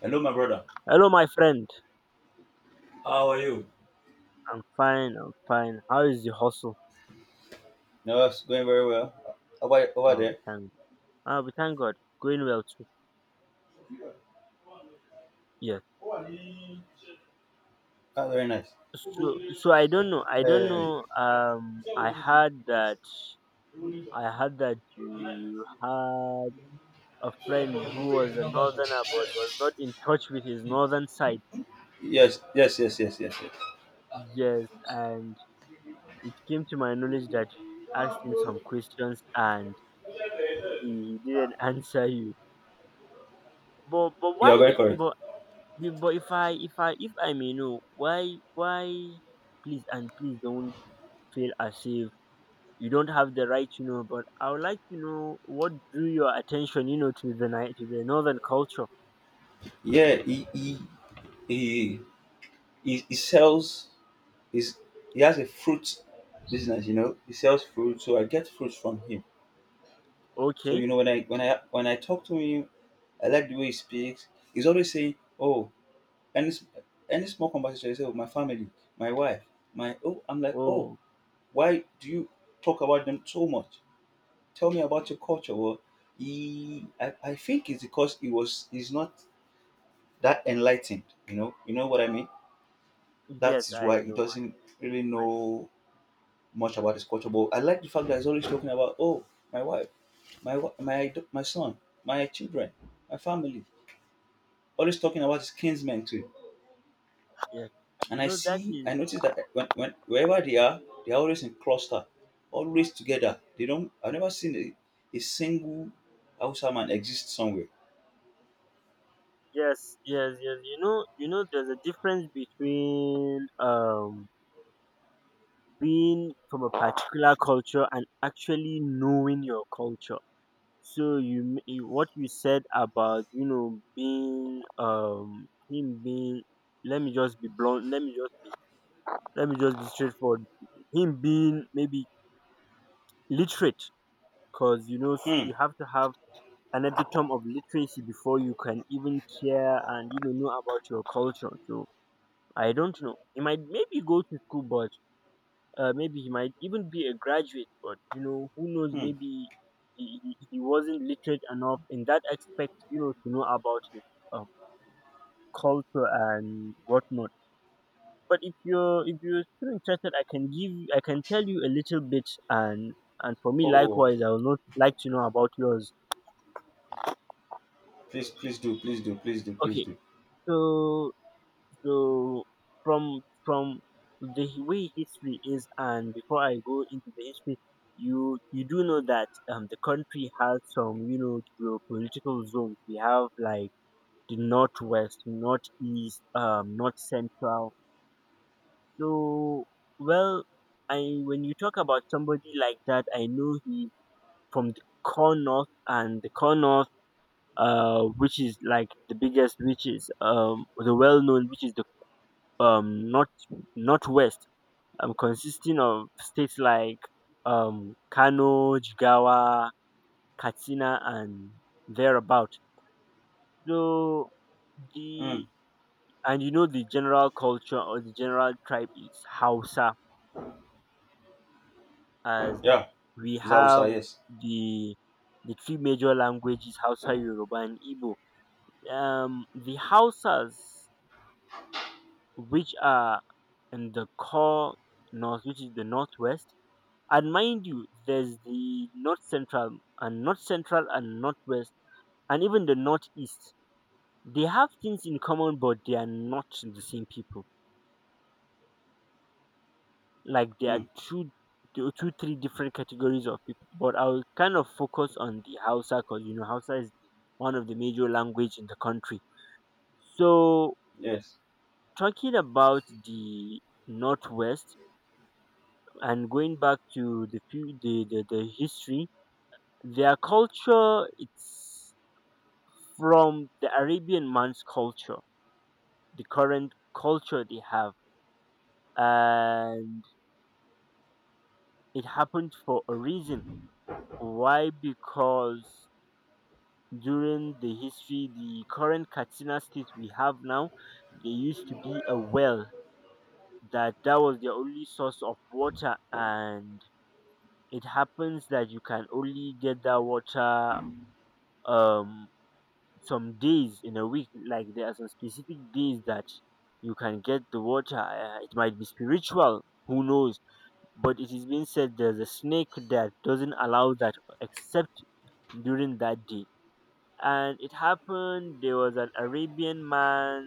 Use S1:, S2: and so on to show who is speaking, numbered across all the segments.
S1: Hello, my brother.
S2: Hello, my friend.
S1: How are you?
S2: I'm fine. How is the hustle?
S1: No, it's going very well. Over
S2: Oh,
S1: there,
S2: thank. Oh, we thank God. Going well too. Yes.
S1: that's very nice.
S2: So I don't know.
S1: Uh,
S2: I heard that. I heard that you had a friend who was a northerner, but was not in touch with his northern side.
S1: yes, yes, yes, yes, yes, yes.
S2: Yes, and it came to my knowledge that you asked him some questions and he didn't answer you. But
S1: You are very
S2: why?
S1: correct.
S2: But if I may know, why, please and please don't feel as if you don't have the right to know. But I would like to know what drew your attention, to to the northern culture.
S1: Yeah, he, he sells. He's, he has a fruit business. He sells fruit, so I get fruits from him. So
S2: Okay.
S1: you know when I talk to him, I like the way he speaks. He's always saying, "Oh, any s- any small conversation you say with my family, my wife, my—" Oh, I'm like, "Oh,
S2: Oh,
S1: why do you talk about them so much? Tell me about your culture." Well, I think it's because he's not that enlightened, you know. You know what I mean? That
S2: yes,
S1: is
S2: I
S1: why he
S2: know.
S1: doesn't
S2: I,
S1: really
S2: I,
S1: know much about his culture, but I like the fact that he's always talking about, "Oh, my wife, my son, my children, my family." Always talking about his kinsmen too.
S2: yes,
S1: And
S2: you
S1: I
S2: know that
S1: see, I
S2: is
S1: notice that when wherever they are always in cluster, always together. They don't. I've never seen a single Hausa man exist somewhere.
S2: yes, yes, yes. You know, there's a difference between being from a particular culture and actually knowing your culture. So you, what you said about being him being, let me just be blunt, let me just be straightforward, him being maybe literate, because
S1: Hmm.
S2: you have to have an epitome of literacy before you can even care and know about your culture. So I don't know, he might maybe go to school, but maybe he might even be a graduate, but you know, who knows?
S1: Hmm.
S2: Maybe he wasn't literate enough in that aspect, you know, to know about his um, culture and whatnot. But if you're still interested, I can tell you a little bit, and for
S1: Oh,
S2: me
S1: oh. Oh.
S2: likewise, I would not like to know about yours.
S1: Please, please do, please do, please do, please
S2: Okay,
S1: do.
S2: so So from the way history is, and before I go into the history, you do know that the country has some, you know, geopolitical zones. We have like the northwest, northeast, north central. So well, I, when you talk about somebody like that, I know he from the core north. And the core north, which is like the biggest, which is the well known, which is the um north northwest, consisting of states like Kano, Jigawa, Katsina, and thereabout. So
S1: Hmm.
S2: the And you know, the general culture or the general tribe is Hausa, as
S1: Yeah,
S2: we
S1: it's
S2: have
S1: Hausa. Yes.
S2: the three major languages: Hausa, Yoruba, and Igbo. The Hausas, which are in the core north, which is the northwest. And mind you, there's the North Central, and North Central and Northwest and even the Northeast. They have things in common, but they are not the same people. Like there are
S1: Hmm.
S2: three different categories of people. But I will kind of focus on the Hausa, because you know Hausa is one of the major language in the country. So
S1: Yes.
S2: talking about the Northwest and going back to the history, their culture, it's from the Arabian man's culture, the current culture they have. And it happened for a reason. Why? Because during the history, the current Katsina state we have now, there used to be a well that was the only source of water, and it happens that you can only get that water um some days in a week. Like there are some specific days that you can get the water. It might be spiritual, who knows, but it is being said there's a snake that doesn't allow that except during that day. And it happened, there was an Arabian man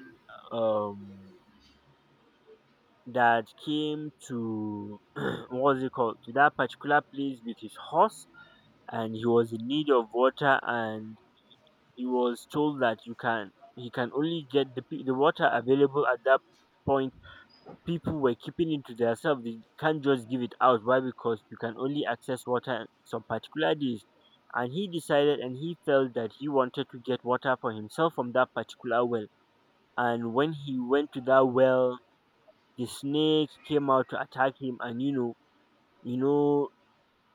S2: um that came to what was it called, to that particular place with his horse, and he was in need of water. And he was told that you can he can only get the water available at that point. People were keeping it to themselves, they can't just give it out. Why? Because you can only access water at some particular days. And he decided and he felt that he wanted to get water for himself from that particular well. And when he went to that well, the snake came out to attack him. And you know, you know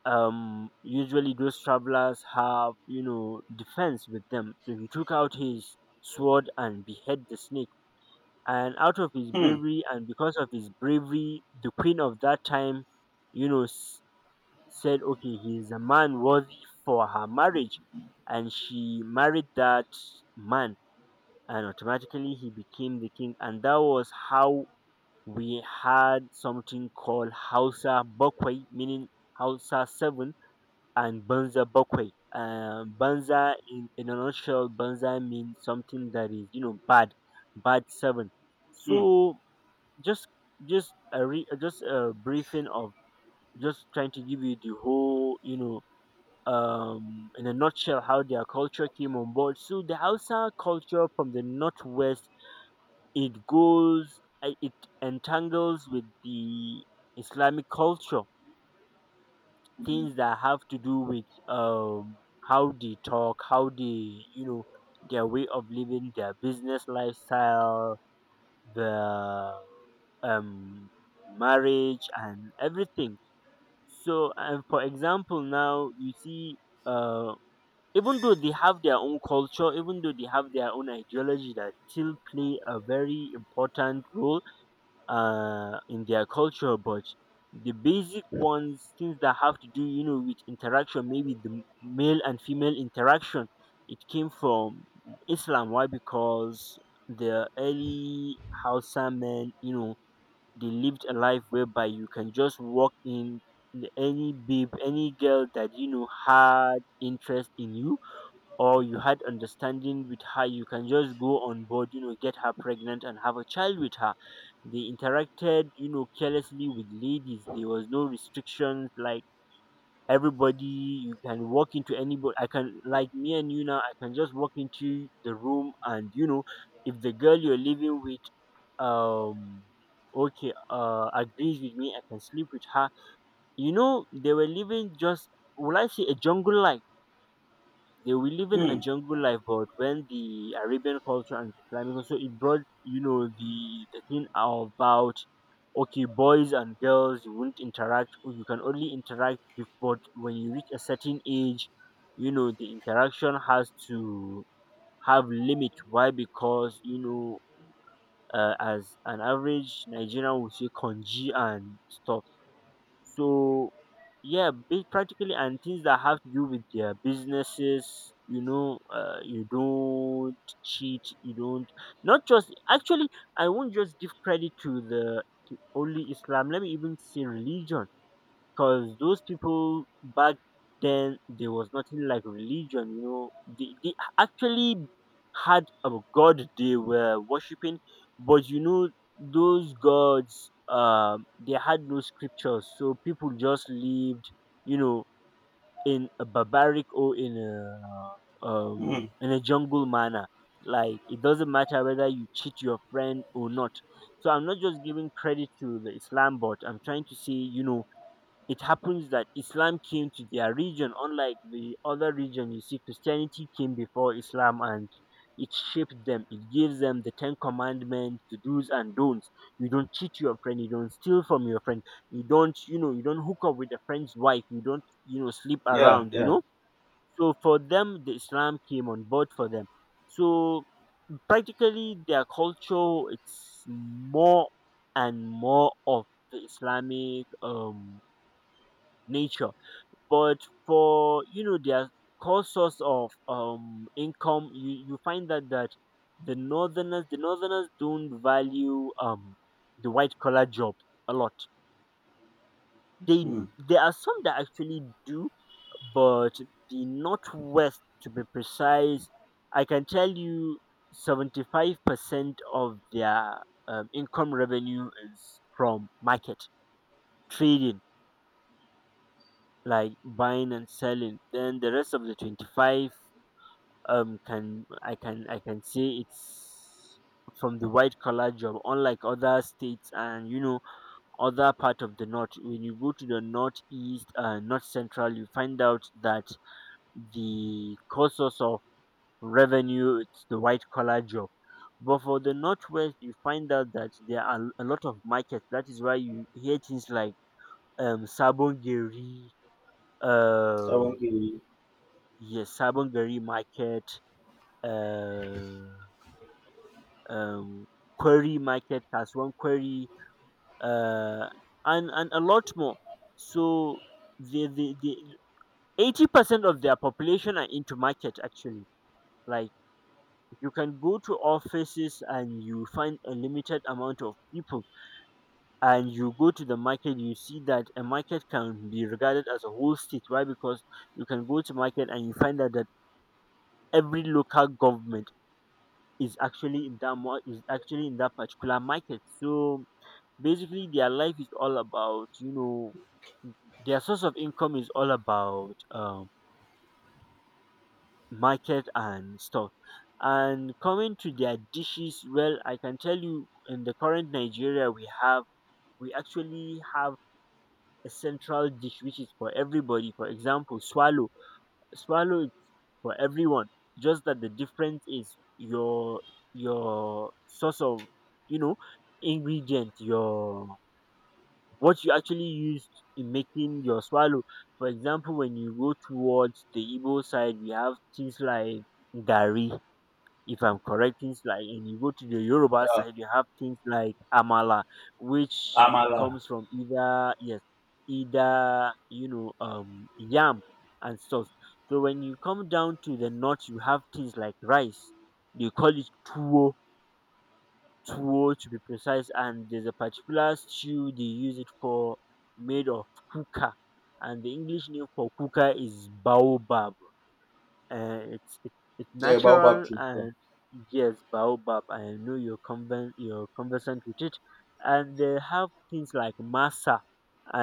S2: usually those travelers have, you know, defense with them, so he took out his sword and behead the snake. And out of his
S1: Hmm.
S2: bravery and because of his bravery, the queen of that time, you know s- said, "Okay, he is a man worthy for her marriage." And she married that man, and automatically he became the king. And that was how we had something called Hausa Bokwai, meaning Hausa 7, and Banza Bokwe. Banza, in a nutshell, Banza means something that is, you know, bad, bad seven.
S1: Hmm.
S2: So just, just a briefing of, just trying to give you the whole, you know, in a nutshell, how their culture came on board. So the Hausa culture from the northwest, it goes, it entangles with the Islamic culture, things that have to do with how they talk, how they, you know, their way of living, their business lifestyle, the um marriage and everything. So, and for example now you see, uh even though they have their own culture, even though they have their own ideology that still play a very important role in their culture, but the basic ones, things that have to do, you know, with interaction, maybe the male and female interaction, it came from Islam. Why? Because the early Hausa men, you know, they lived a life whereby you can just walk in any babe, any girl that you know had interest in you, or you had understanding with her, you can just go on board, you know, get her pregnant and have a child with her. They interacted, you know, carelessly with ladies. There was no restrictions, like everybody, you can walk into anybody. I can, like, me and you now, I can just walk into the room, and you know, if the girl you're living with, um okay, agrees with me, I can sleep with her. You know, they were living just, will I say a jungle life, they were living a
S1: Hmm.
S2: jungle life. But when the Arabian culture and Islamic, so it brought, you know, the thing about, okay, boys and girls you won't interact, or you can only interact with, but when you reach a certain age, you know, the interaction has to have limit. Why? Because, you know. As an average Nigerian would say, congee and stuff. So yeah, practically, and things that have to do with their businesses, you know, you don't cheat, you don't, not just actually, I won't just give credit to the, to only Islam, let me even say religion, because those people back then, there was nothing like religion. You know, they actually had a god they were worshipping, but you know those gods, they had no scriptures, so people just lived, you know, in a barbaric or in a,
S1: Hmm.
S2: in a jungle manner, like it doesn't matter whether you cheat your friend or not. So I'm not just giving credit to the Islam, but I'm trying to say, you know, it happens that Islam came to their region, unlike the other region. You see, Christianity came before Islam, and it shaped them. It gives them the Ten Commandments, the do's and don'ts. You don't cheat your friend. You don't steal from your friend. You don't, you know, you don't hook up with a friend's wife. You don't, you know, sleep
S1: Yeah.
S2: around, you
S1: Yeah.
S2: know. So for them, the Islam came on board for them. So practically their culture, it's more and more of the Islamic, nature, but for, you know, their core source of income, you find that the northerners, don't value the white collar job a lot. They,
S1: Hmm.
S2: there are some that actually do, but the northwest to be precise, I can tell you 75% of their income revenue is from market trading, like buying and selling. Then the rest of the 25, can I can I can say, it's from the white collar job, unlike other states. And you know, other part of the north, when you go to the northeast, north central, you find out that the core source of revenue, it's the white collar job. But for the northwest, you find out that there are a lot of markets. That is why you hear things like, sabongeri,
S1: That
S2: uh
S1: one can—
S2: yes, sabongeri market, uh um, query Market, Kasuwan query, uh, and a lot more. So the 80% of their population are into market actually. Like, you can go to offices and you find a limited amount of people, and you go to the market, you see that a market can be regarded as a whole state. Why? Because you can go to market and you find out that every local government is actually in that mar- is actually in that particular market. So basically their life is all about their source of income is all about market and stuff. And coming to their dishes, well, I can tell you in the current Nigeria we have, we actually have a central dish which is for everybody. For example, swallow. Swallow is for everyone, just that the difference is your source of, you know, ingredient, your what you actually used in making your swallow. For example, when you go towards the Igbo side, we have things like gari, if I'm correct, things like, and you go to the Yoruba
S1: Yeah.
S2: side, you have things like amala, which
S1: Amala.
S2: comes from either, yes, either, you know, yam and stuff. So when you come down to the north, you have things like rice. They call it tuwo, to be precise, and there's a particular stew they use it for, made of kuka, and the English name for kuka is baobab. It's it's natural. And yes, baobab, I know you're you're conversant with it. And they have things like masa.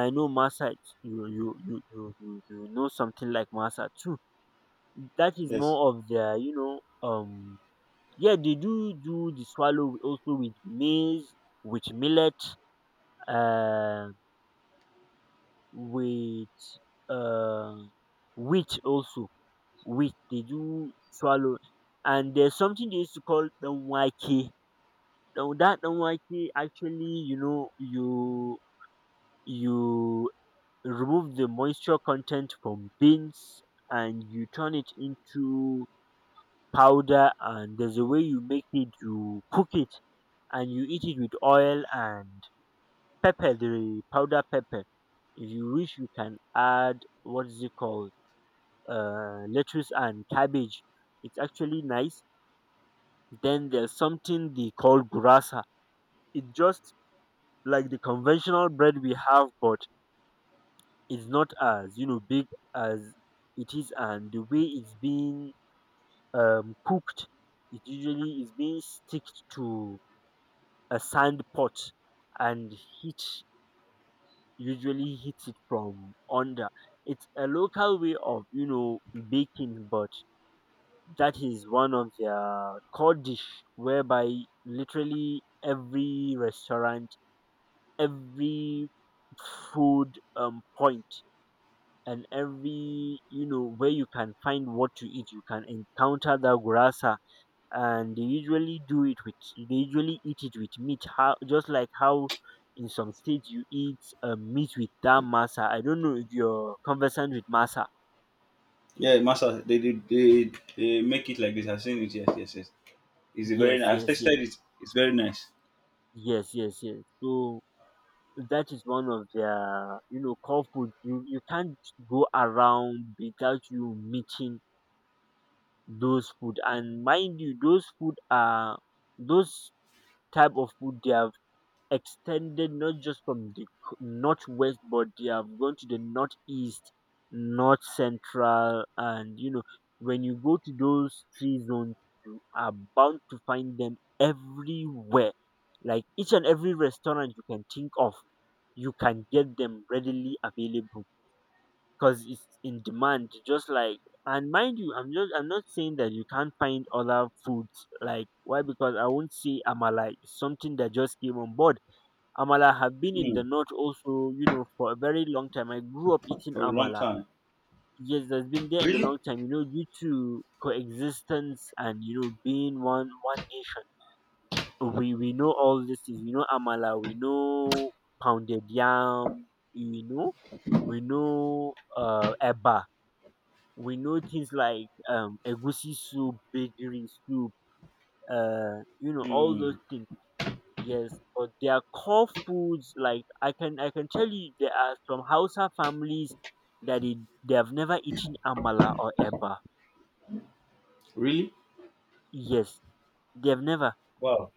S2: I know masa. It's- you know something like masa too. That is
S1: Yes.
S2: more of their, you know. Um, yeah, they do the swallow also with maize, with millet, um, with uh, wheat also. Wheat they do swallow, and there's something they used to call danwake. Now that danwake actually, you know, you you remove the moisture content from beans and you turn it into powder, and there's a way you make it. You cook it and you eat it with oil and pepper, the powder pepper. If you wish, you can add, what's it called, lettuce and cabbage. It's actually nice. Then there's something they call gurasa. It's just like the conventional bread we have, but it's not as, you know, big as it is. And the way it's being cooked, it usually is being sticked to a sand pot and heat usually hits it from under. It's a local way of, you know, baking, but that is one of their core dish, whereby literally every restaurant, every food, point, and every, you know, where you can find what to eat, you can encounter that gurasa. And they usually do it with, they usually eat it with meat, how, just like how in some states you eat meat with that masa. I don't know if you're conversant with masa.
S1: Yeah, master. They make it like this. I've seen it. Yes. Yes. Yes. It's a very.
S2: Yes,
S1: Nice- I've
S2: yes, yes.
S1: tasted it. It's very nice.
S2: Yes, yes, yes. So that is one of their, you know, core food. You can't go around without you meeting those food. And mind you, those food are, those type of food, they are extended not just from the northwest, but they have gone to the northeast, north central, and, you know, when you go to those three zones, you are bound to find them everywhere. Like each and every restaurant you can think of, you can get them readily available because it's in demand. Just like, and mind you, I'm not saying that you can't find other foods. Like why? Because I won't say amala is something that just came on board. Amala have been in the
S1: Mm.
S2: north also, you know, for a very long time. I grew up eating
S1: For a long
S2: amala.
S1: time.
S2: Yes, that's been there in the
S1: Really?
S2: long time, you know, due to coexistence and, you know, being one nation. We know all this is, we know amala, we know pounded yam, you know, we know eba, we know things like egusi soup, bakery soup, you know, all
S1: Mm.
S2: those things. Yes, but their core foods, like I can tell you, there are some Hausa families that they have never eaten amala or eba.
S1: Really?
S2: Yes, they have never.
S1: Wow.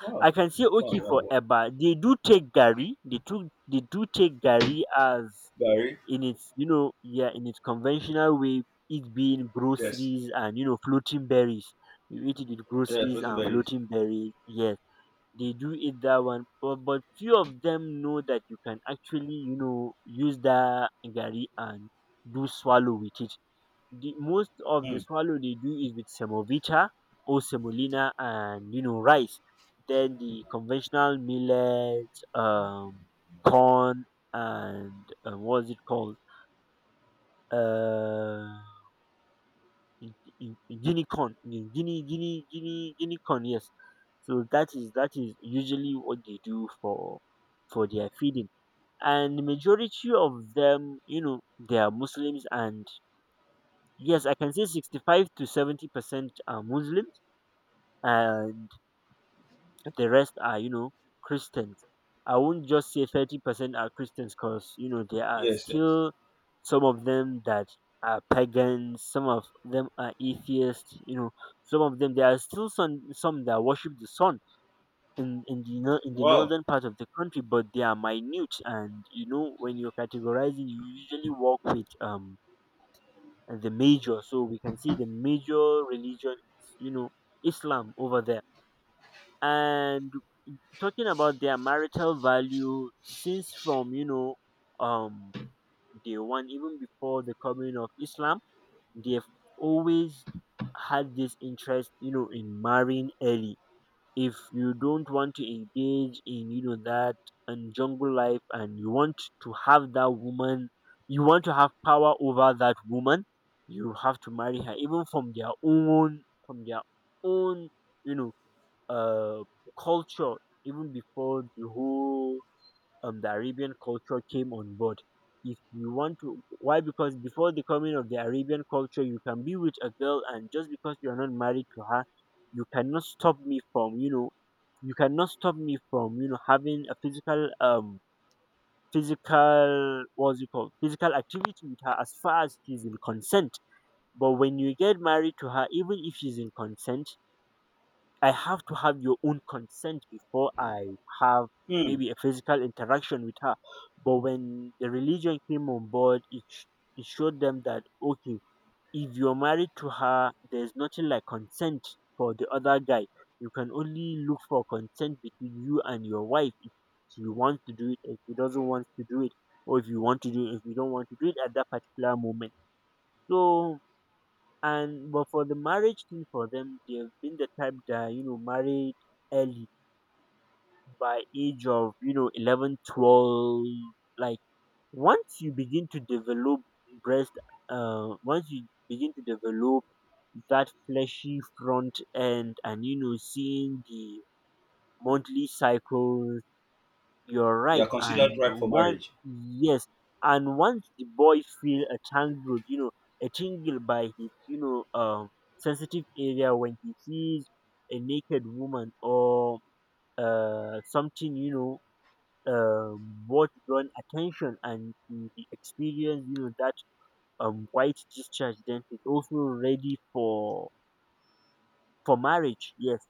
S1: Wow.
S2: I can say
S1: Wow.
S2: okay,
S1: Wow.
S2: for
S1: Wow.
S2: eba, they do take gari. They do take gari as
S1: Barry.
S2: in its, you know, yeah, in its conventional way, it being
S1: Yes.
S2: groceries and, you know, floating berries. You eat it with
S1: Yeah,
S2: groceries
S1: floating
S2: and
S1: berries.
S2: floating berries. Yes, they do eat that one, but few of them know that you can actually, you know, use that garri and do swallow with it. The most of the
S1: Hmm.
S2: swallow they do is with semovita or semolina and, you know, rice. Then the conventional millet, um, corn and, um, what's it called, uh, in unicorn, in guinea corn. Yes. So that is usually what they do for their feeding. And the majority of them, you know, they are muslims, and yes, I can say 65 to 70% are muslims. Uh, the rest are, you know, christians. I won't just say 30% are christians because, you know, there are
S1: Yes. Yes.
S2: still some of them that are pagans, some of them are atheists, you know, some of them, there are still some that worship the sun in the in the
S1: Wow.
S2: northern part of the country, but they are minute. And you know, when you're categorizing, you usually work with, um, the major. So we can see the major religion is, you know, islam over there. And talking about their marital value, since from, you know, um, day one, even before the coming of islam, they've always had this interest, you know, in marrying early. If you don't want to engage in, you know, that and jungle life, and you want to have that woman, you want to have power over that woman, you have to marry her, even from their own, from their own, you know, uh, culture, even before the whole, the Arabian culture came on board. If you want to, why? Because before the coming of the Arabian culture, you can be with a girl, and just because you are not married to her, you cannot stop me from, you know, you cannot stop me from, you know, having a physical, physical, what's it called, physical activity with her, as far as she's in consent. But when you get married to her, even if she's in consent, I have to have your own consent before I have
S1: Hmm.
S2: maybe a physical interaction with her. But when the religion came on board, it showed them that, okay, if you're married to her, there's nothing like consent for the other guy. You can only look for consent between you and your wife, if she wants to do it, if she doesn't want to do it, or if you want to do it, if you don't want to do it at that particular moment. So, and but for the marriage thing for them, they've been the type that, you know, married early, by age of, you know, 11, 12. Like once you begin to develop breast, once you begin to develop that fleshy front end, and, you know, seeing the monthly cycle, you're
S1: You are
S2: ripe.
S1: considered
S2: And
S1: ripe for
S2: one,
S1: marriage.
S2: yes, and once the boy feel a tangled, you know, a tingle by his, you know, sensitive area, when he sees a naked woman or something, you know, what drawn attention, and he experience, you know, that, um, white discharge, then he's also ready for marriage. Yes,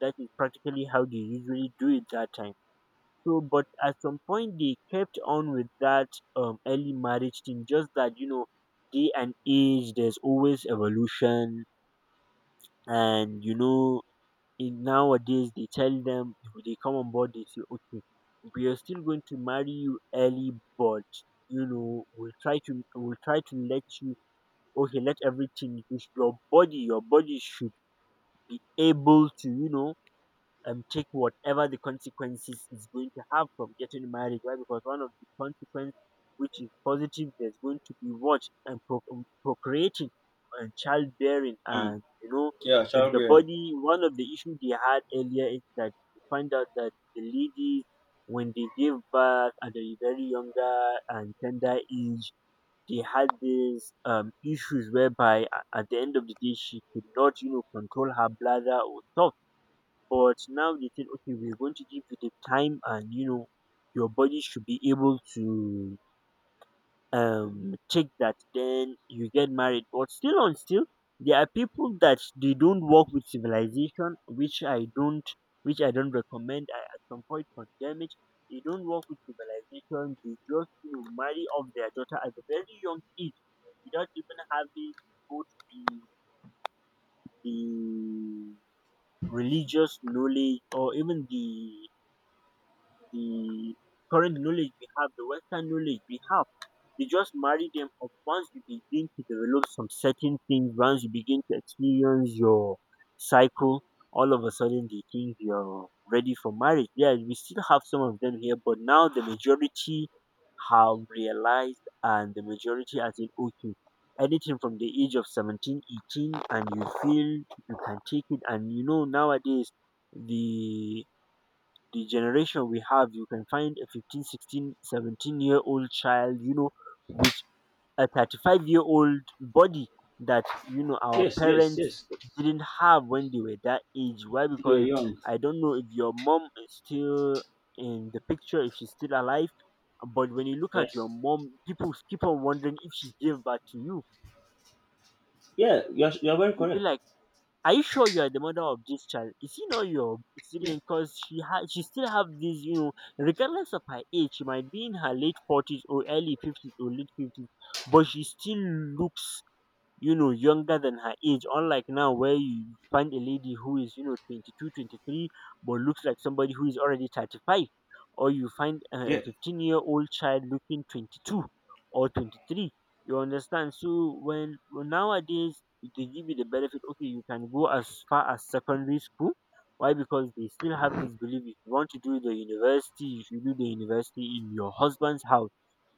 S2: that is practically how they usually do it that time. So, but at some point they kept on with that, early marriage thing. Just that, you know, day and age, there's always evolution, and, you know, in nowadays they tell them, if they come on board, they say, okay, we are still going to marry you early, but, you know, we'll try to let you, okay, let everything, is your body should be able to, you know, take whatever the consequences is going to have from getting married. Why? Because one of the consequences, which is positive, there's going to be what, and procreating and childbearing,
S1: Hmm.
S2: and, you know,
S1: Yeah,
S2: if the
S1: childbearing.
S2: body, one of the issues they had earlier is that you find out that the ladies, when they give birth at a very younger and tender age, they had these, issues whereby at the end of the day she could not, you know, control her bladder or stuff. But now they said, okay, we're going to give you the time, and, you know, your body should be able to take that. Then you get married. But still, on still, there are people that they don't work with civilization, which I don't recommend. I at some point condemn it. They don't work with civilization. They just, you know, marry off their daughter at a very young age, without even having both the religious knowledge, or even the current knowledge we have, the Western knowledge we have. They just marry them up once you begin to develop some certain things, once you begin to experience your cycle. All of a sudden they think you're ready for marriage. Yeah, we still have some of them here, but now the majority have realized, and the majority, as in, okay, anything from the age of 17, 18, and you feel you can take it. And you know, nowadays, the the generation we have, you can find a 15, 16, 17-year old child, you know, with a 35-year-old body that, you know, our
S1: Yes. Yes.
S2: parents
S1: Yes.
S2: didn't have when they were that age. Why?
S1: You are
S2: Because
S1: young.
S2: I don't know if your mom is still in the picture, if she's still alive. But when you look at your
S1: Yes.
S2: mom, people keep on wondering if she gave birth to you.
S1: Yeah. You are very
S2: You'll be
S1: correct.
S2: like, are you sure you are the mother of this child? Is he not your
S1: Yeah.
S2: sibling? Because she still have this, you know, regardless of her age, she might be in her late 40s or early 50s or late 50s, but she still looks, you know, younger than her age, unlike now where you find a lady who is, you know, 22, 23, but looks like somebody who is already 35, or you find a
S1: Yeah.
S2: 15-year-old child looking 22 or 23. You understand? So when nowadays they give you the benefit, okay, you can go as far as secondary school. Why? Because they still have this belief, if you want to do the university, you should do the university in your husband's house.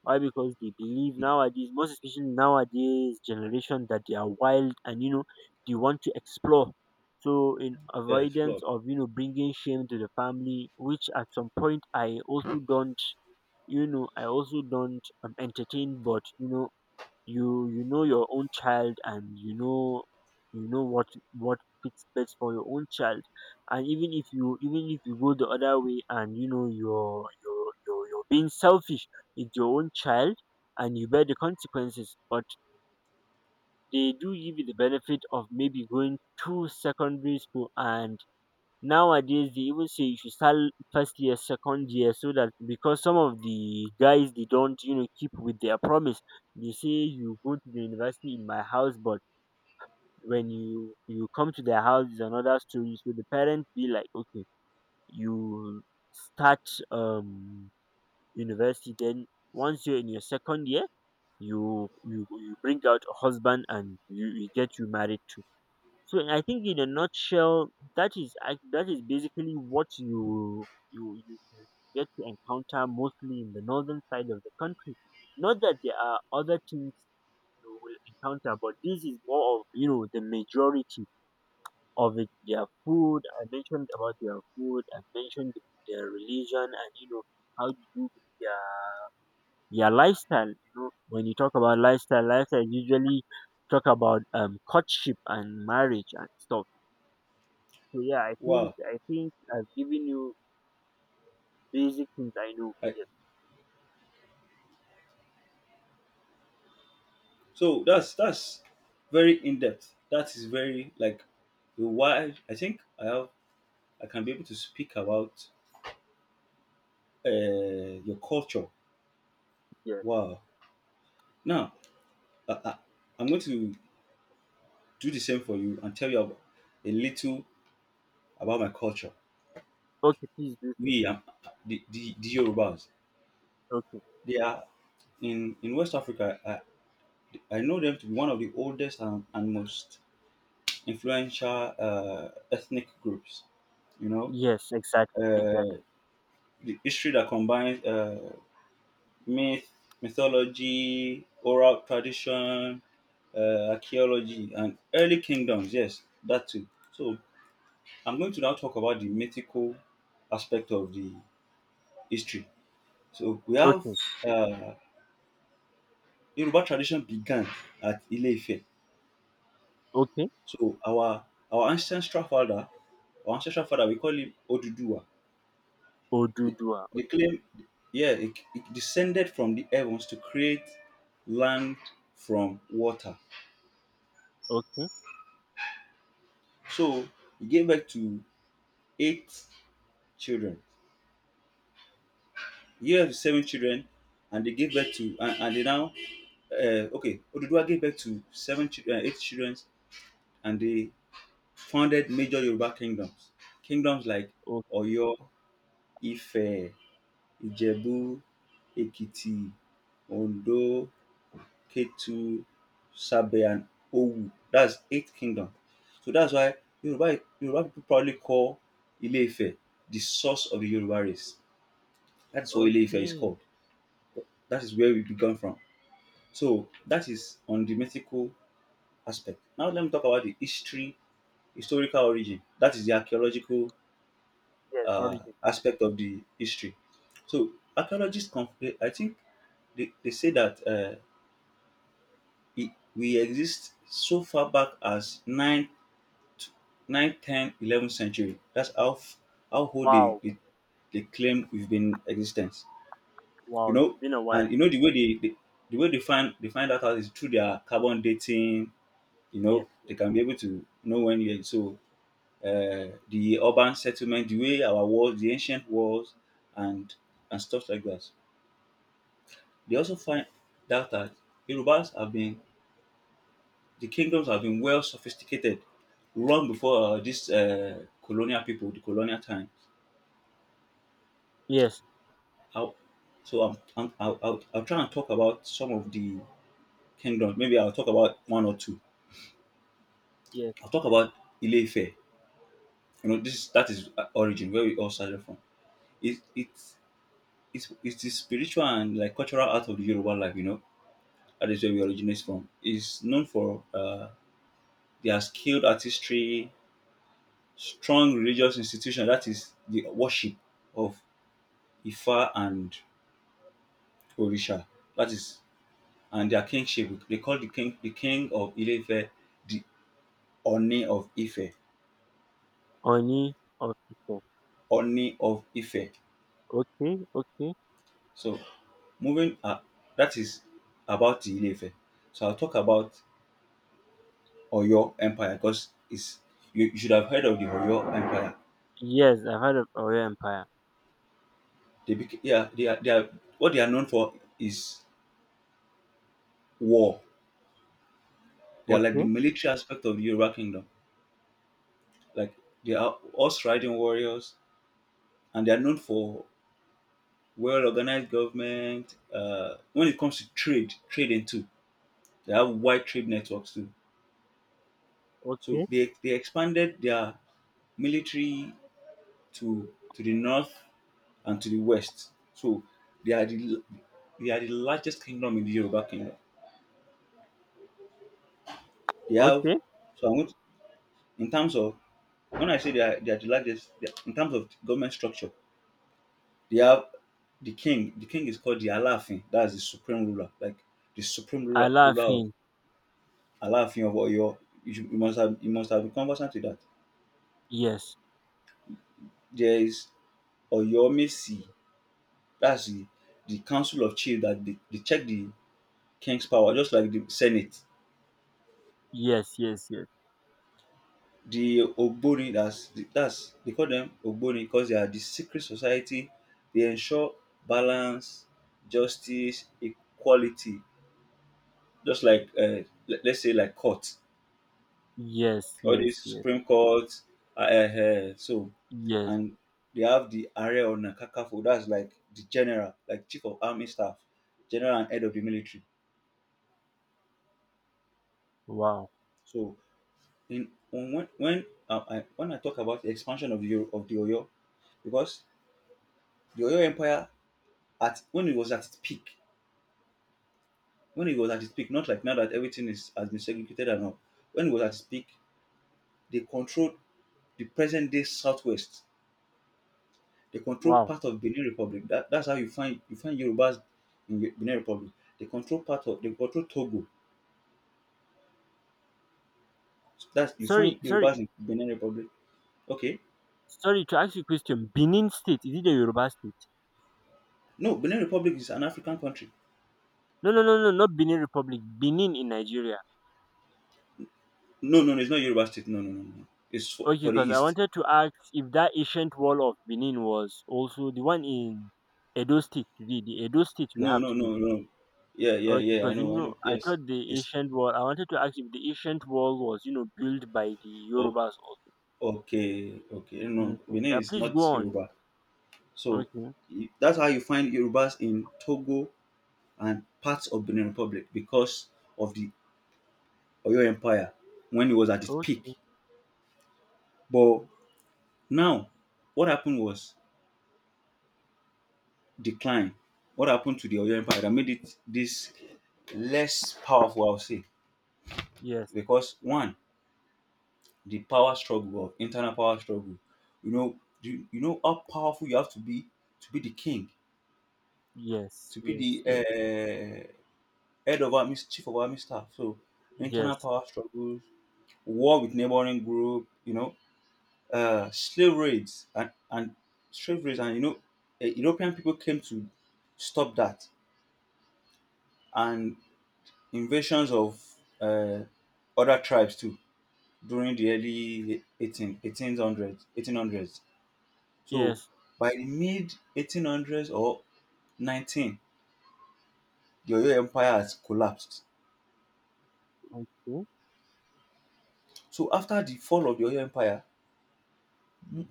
S2: Why? Because they believe nowadays, most especially nowadays generation, that they are wild and, you know, they want to explore. So in
S1: Yeah.
S2: avoidance
S1: Explore.
S2: of, you know, bringing shame to the family, which at some point I also don't, you know, I also don't entertain, but, you know, you know your own child, and you know, you know what fits best for your own child. And even if you go the other way, and you know, you're you're being selfish with your own child, and you bear the consequences. But they do give you the benefit of maybe going to secondary school, and nowadays they even say you should start first year, second year, so that, because some of the guys, they don't, you know, keep with their promise. They say, you go to the university in my house, but when you come to their house, is another story. So the parents be like, okay, you start um university, then once you're in your second year, you bring out a husband, and you get you married too. So I think, in a nutshell, that is that is basically what you get to encounter mostly in the northern side of the country. Not that there are other things you will encounter, but this is more of, you know, the majority of it. Their food, I mentioned about their food. I mentioned their religion, and you know how you do with their lifestyle. You know, when you talk about lifestyle, lifestyle usually talk about courtship and marriage and stuff. So yeah, I think
S1: Wow.
S2: I think I've given you basic things I know.
S1: Like,
S2: Yes,
S1: so. That's very in depth. That is very, like, wide. I think I have. I can be able to speak about uh, your culture.
S2: yes.
S1: Wow. Now, I, I, I'm going to do the same for you and tell you a little about my culture.
S2: Okay, please do so.
S1: We, the Yorubas,
S2: Okay.
S1: they are in West Africa. I know them to be one of the oldest and, most influential ethnic groups. You know,
S2: Yes, exactly, exactly.
S1: uh, the history that combines myth, mythology, oral tradition, archaeology, and early kingdoms. Yes, that too. So I'm going to now talk about the mythical aspect of the history. So we have
S2: Okay,
S1: uh, Yoruba tradition began at Ile-Ife.
S2: okay.
S1: So our ancestral father, our ancestral father, we call him Oduduwa. The,
S2: Odudua.
S1: the
S2: Okay,
S1: claim, yeah, it descended from the heavens to create land from water.
S2: okay,
S1: So he gave birth to eight children. He gave birth to seven children, and they gave birth to— and they now— okay, Oduduwa gave birth to eight children, and they founded major Yoruba kingdoms. Kingdoms like
S2: okay,
S1: Oyo, Ife, Ijebu, Ekiti, Ondo, Ketu, Sabe, and Owu. That's eight kingdoms. So that's why Yoruba people probably call Ile Ife the source of the Yoruba race. That's what Ile Ife is
S2: okay.
S1: called. That is where we began from. So that is on the mythical aspect. Now let me talk about the history, historical origin. That is the archaeological
S2: Yes, origin.
S1: aspect of the history. So archaeologists, I think they say that we exist so far back as 9, 9 ten, 11th century. That's how, how old
S2: Wow,
S1: they claim we've been in existence. You
S2: wow. It's
S1: know,
S2: been a while.
S1: and you know the way they find that out is through their carbon dating. You know,
S2: Yes, yes,
S1: they can be able to know when you so the urban settlement, the way our walls, the ancient walls, and and stuff like that. They also find that Yorubas have been the kingdoms have been well sophisticated long before this colonial people, the colonial time.
S2: yes,
S1: How so I'll try and talk about some of the kingdoms. Maybe I'll talk about one or two.
S2: yes.
S1: I'll talk about Ile-Ife. You know, this that is origin where we all started from. It it's it's it's the spiritual and like cultural art of the Yoruba life. You know, that is where we originate from. It's known for their skilled artistry, strong religious institution. That is the worship of Ifa and Orisha. That is, and their kingship. They call the king of Ile-Ife the Oni of Ife.
S2: Oni of people.
S1: Oni of Ife.
S2: Okay, okay.
S1: So moving, that is about the Ile-Ife. So I'll talk about Oyo Empire because it's you should have heard of the Oyo Empire.
S2: Yes, I've heard of Oyo Empire.
S1: They became, yeah, they are what they are known for is war. They are like the
S2: Okay,
S1: military aspect of the Yoruba kingdom. Like they are horse riding warriors, and they are known for well organized government. When it comes to trade, trading too, they have wide trade networks too. So
S2: okay,
S1: they expanded their military to the north and to the west. So they are the they are the largest kingdom in the Yoruba kingdom. They have,
S2: okay.
S1: so I'm going to, in terms of, when I say they are the largest, they are— in terms of government structure, they have the king. The king is called the Alaafin. That's the supreme ruler, like the supreme ruler, ruler of—
S2: Alafin.
S1: Alaafin of Oyo. You, should, you must have— you must have been conversant with that.
S2: Yes,
S1: There is Oyomesi. That's the council of chiefs that they check the king's power, just like the senate.
S2: yes, yes, yes,
S1: The Ogboni, that's they call them Ogboni because they are the secret society. They ensure balance, justice, equality. Just like let, let's say like court,
S2: yes,
S1: all
S2: yes,
S1: these
S2: yes,
S1: Supreme Court, so
S2: yes.
S1: and they have the Area on Kakafo. That's like the general, like chief of army staff, general and head of the military.
S2: Wow.
S1: So in on when when I talk about the expansion of the Oyo, because the Oyo Empire at when it was at its peak, when it was at its peak, not like now that everything is has been segregated and all. When it was at its peak, they controlled the present day southwest. They control
S2: Wow!
S1: part of Benin Republic. That's how you find Yorubas in Benin Republic. They control part of, they control Togo. So that's, you
S2: Sorry,
S1: find
S2: sorry,
S1: Yorubas in Benin Republic. Okay,
S2: sorry to ask you a question. Benin State, is it a Yoruba state?
S1: no, Benin Republic is an African country.
S2: No, no, no, no, not Benin Republic. Benin in Nigeria.
S1: No, no, no, it's not Yoruba state. No, no, no, no. It's
S2: Okay,
S1: for the
S2: because I
S1: east.
S2: wanted to ask if that ancient wall of Benin was also the one in Edo State today, the Edo State we
S1: No,
S2: have
S1: no,
S2: today.
S1: no, no. Yeah, yeah,
S2: Okay,
S1: yeah. I
S2: because, you
S1: know, I know.
S2: know, I
S1: Yes,
S2: thought the
S1: it's
S2: ancient wall. I wanted to ask if the ancient wall was, you know, built by the
S1: oh,
S2: Yorubas also.
S1: okay, okay. No,
S2: Okay.
S1: Benin
S2: Yeah,
S1: is
S2: please
S1: not
S2: go on.
S1: Yoruba. So
S2: Okay.
S1: that's how you find Yorubas in Togo and parts of Benin Republic because of the Oyo Empire when it was at its peak.
S2: Okay.
S1: But now, what happened was decline. What happened to the Oyo Empire that made it this less powerful, I'll say,
S2: Yes.
S1: because one, the power struggle of internal power struggle. You know, you know how powerful you have to be the king,
S2: Yes.
S1: to
S2: Yes.
S1: be the
S2: Yes.
S1: head of army, chief of army staff. So internal
S2: Yes.
S1: power struggles, war with neighboring group, you know, uh, slave raids and, and slave raids, and you know, European people came to stop that, and invasions of uh, other tribes too during the early 1818 1800s, 1800s. So
S2: Yes.
S1: by the mid 1800s or 19, the Oyo Empire has collapsed.
S2: Okay.
S1: So after the fall of the Oyo Empire,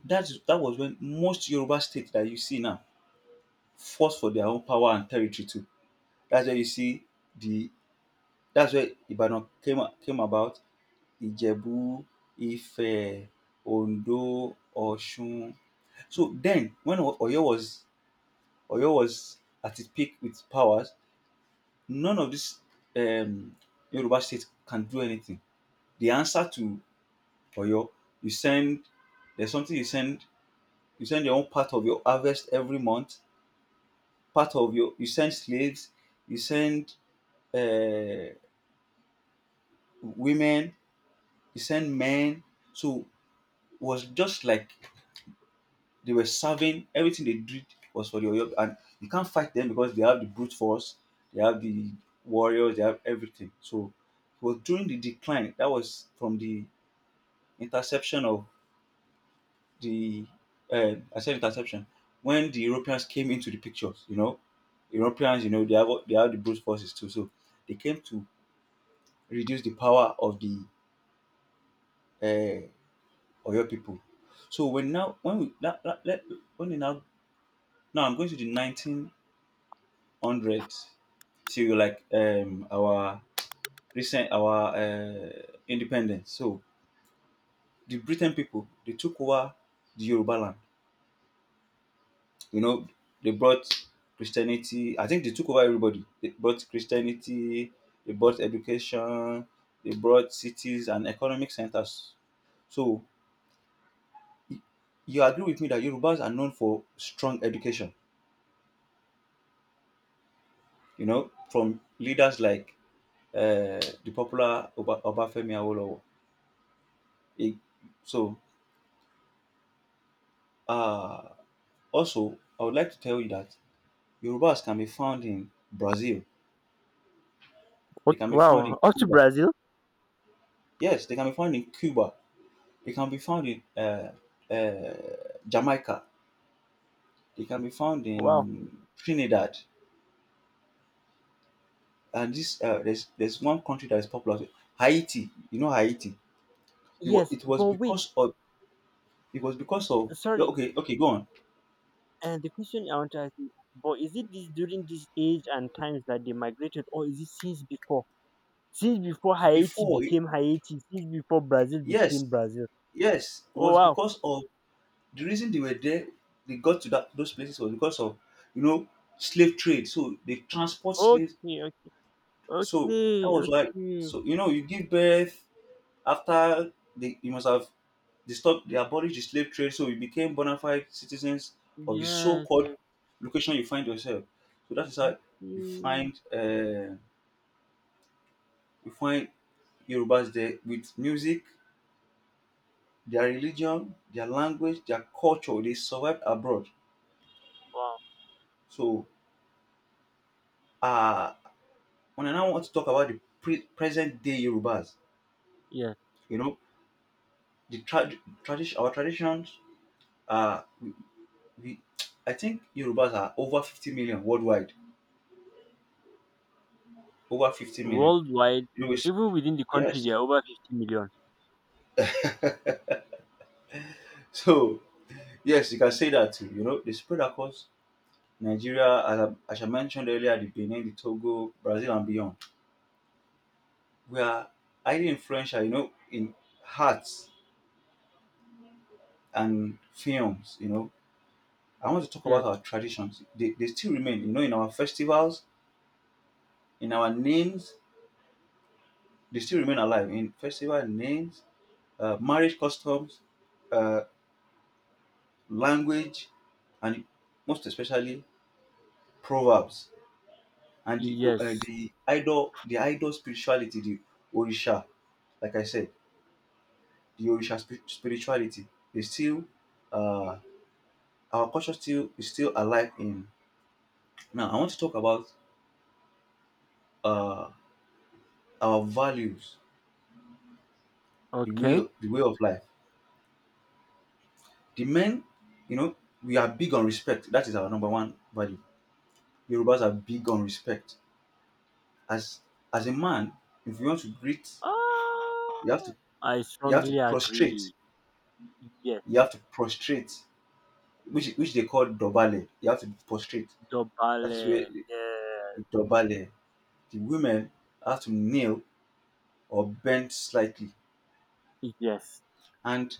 S1: That was when most Yoruba states that you see now fought for their own power and territory too. That's where you see the that's where Ibadan came about. Ijebu, Ife, Ondo, Osun. So then when Oyo was at its peak with powers, none of these um, Yoruba states can do anything. The answer to Oyo, you send there's something you send, your own part of your harvest every month, part of your you send slaves, you send uh, women, you send men. So it was just like they were serving. Everything they did was for the Oyo, and you can't fight them because they have the brute force, they have the warriors, they have everything. So it was during the decline, that was from the interception of the— I said interception, when the Europeans came into the pictures. You know, Europeans, you know, they have, the brute forces too, so they came to reduce the power of the uh, Oyo people. So when now, when we that, that, let, when we now, now I'm going to the 1900s, till like, our recent, our, independence. So the Britain people, they took over the Yoruba land. You know, they brought Christianity. I think they took over everybody. They brought Christianity. They brought education. They brought cities and economic centers. So you agree with me that Yorubas are known for strong education, you know, from leaders like the popular Oba, Obafemi Awolowo. It- So, uh, also, I would like to tell you that Yorubas can be found in Brazil. They can be found in
S2: Wow, up to
S1: Cuba.
S2: Brazil.
S1: Yes, they can be found in Cuba. They can be found in uh, Jamaica. They can be found
S2: Wow.
S1: in Trinidad. And this there's one country that is popular, Haiti. You know Haiti. It was,
S2: Yes,
S1: it was
S2: but wait,
S1: because of It was because of, yeah,
S2: sorry.
S1: okay, okay, go on.
S2: And the question I want to ask you, but is it this, during this age and times, that they migrated, or is it since before? Since before Haiti
S1: Before,
S2: became Haiti, since before Brazil
S1: yes,
S2: became Brazil.
S1: yes, it
S2: Oh
S1: was
S2: wow.
S1: because of the reason they were there. They got to that those places was because of, you know, slave trade. So they transport slaves.
S2: Okay, okay,
S1: So that
S2: okay,
S1: was why.
S2: okay.
S1: So you know you give birth after they you must have they stopped they abolished the slave trade. So you became bona fide citizens of the
S2: Yes,
S1: so-called
S2: yes,
S1: location you find yourself. So that is how you
S2: okay.
S1: find uh, you find Yorubas there with music, their religion, their language, their culture. They survived abroad.
S2: Wow.
S1: So, uh, when I now want to talk about the present day Yorubas,
S2: Yes.
S1: you know, the tradition, our traditions, uh, we, we, I think Yorubas are over 50 million worldwide. Over 50 million.
S2: Worldwide,
S1: You know, it's-
S2: even within the country,
S1: yes.
S2: there are over 50 million.
S1: So, yes, you can say that too. You know, they spread across Nigeria, as I mentioned earlier, the Benin, the Togo, Brazil, and beyond. We are highly influential, you know, in hearts and films. You know, I want to talk about
S2: Yes,
S1: our traditions. They still remain, you know, in our festivals, in our names, they still remain alive in festival names, marriage customs, uh, language, and most especially proverbs and the uh,
S2: yes.
S1: the idol the idol spirituality, the orisha. Like I said, the orisha spirituality. They still uh, our culture still is still alive in. Now I want to talk about uh, our values, the
S2: Okay.
S1: way of life. The men, you know, we are big on respect. That is our number one value. Yorubas are big on respect. As as a man, if you want to greet, you have
S2: Ah,
S1: to
S2: I
S1: you have to
S2: strongly
S1: prostrate.
S2: agree. Yes,
S1: You have to prostrate, which they call dobale. You have to prostrate. That is where
S2: Dobale.
S1: the,
S2: Yeah,
S1: the dobale. The women have to kneel or bend slightly.
S2: yes,
S1: And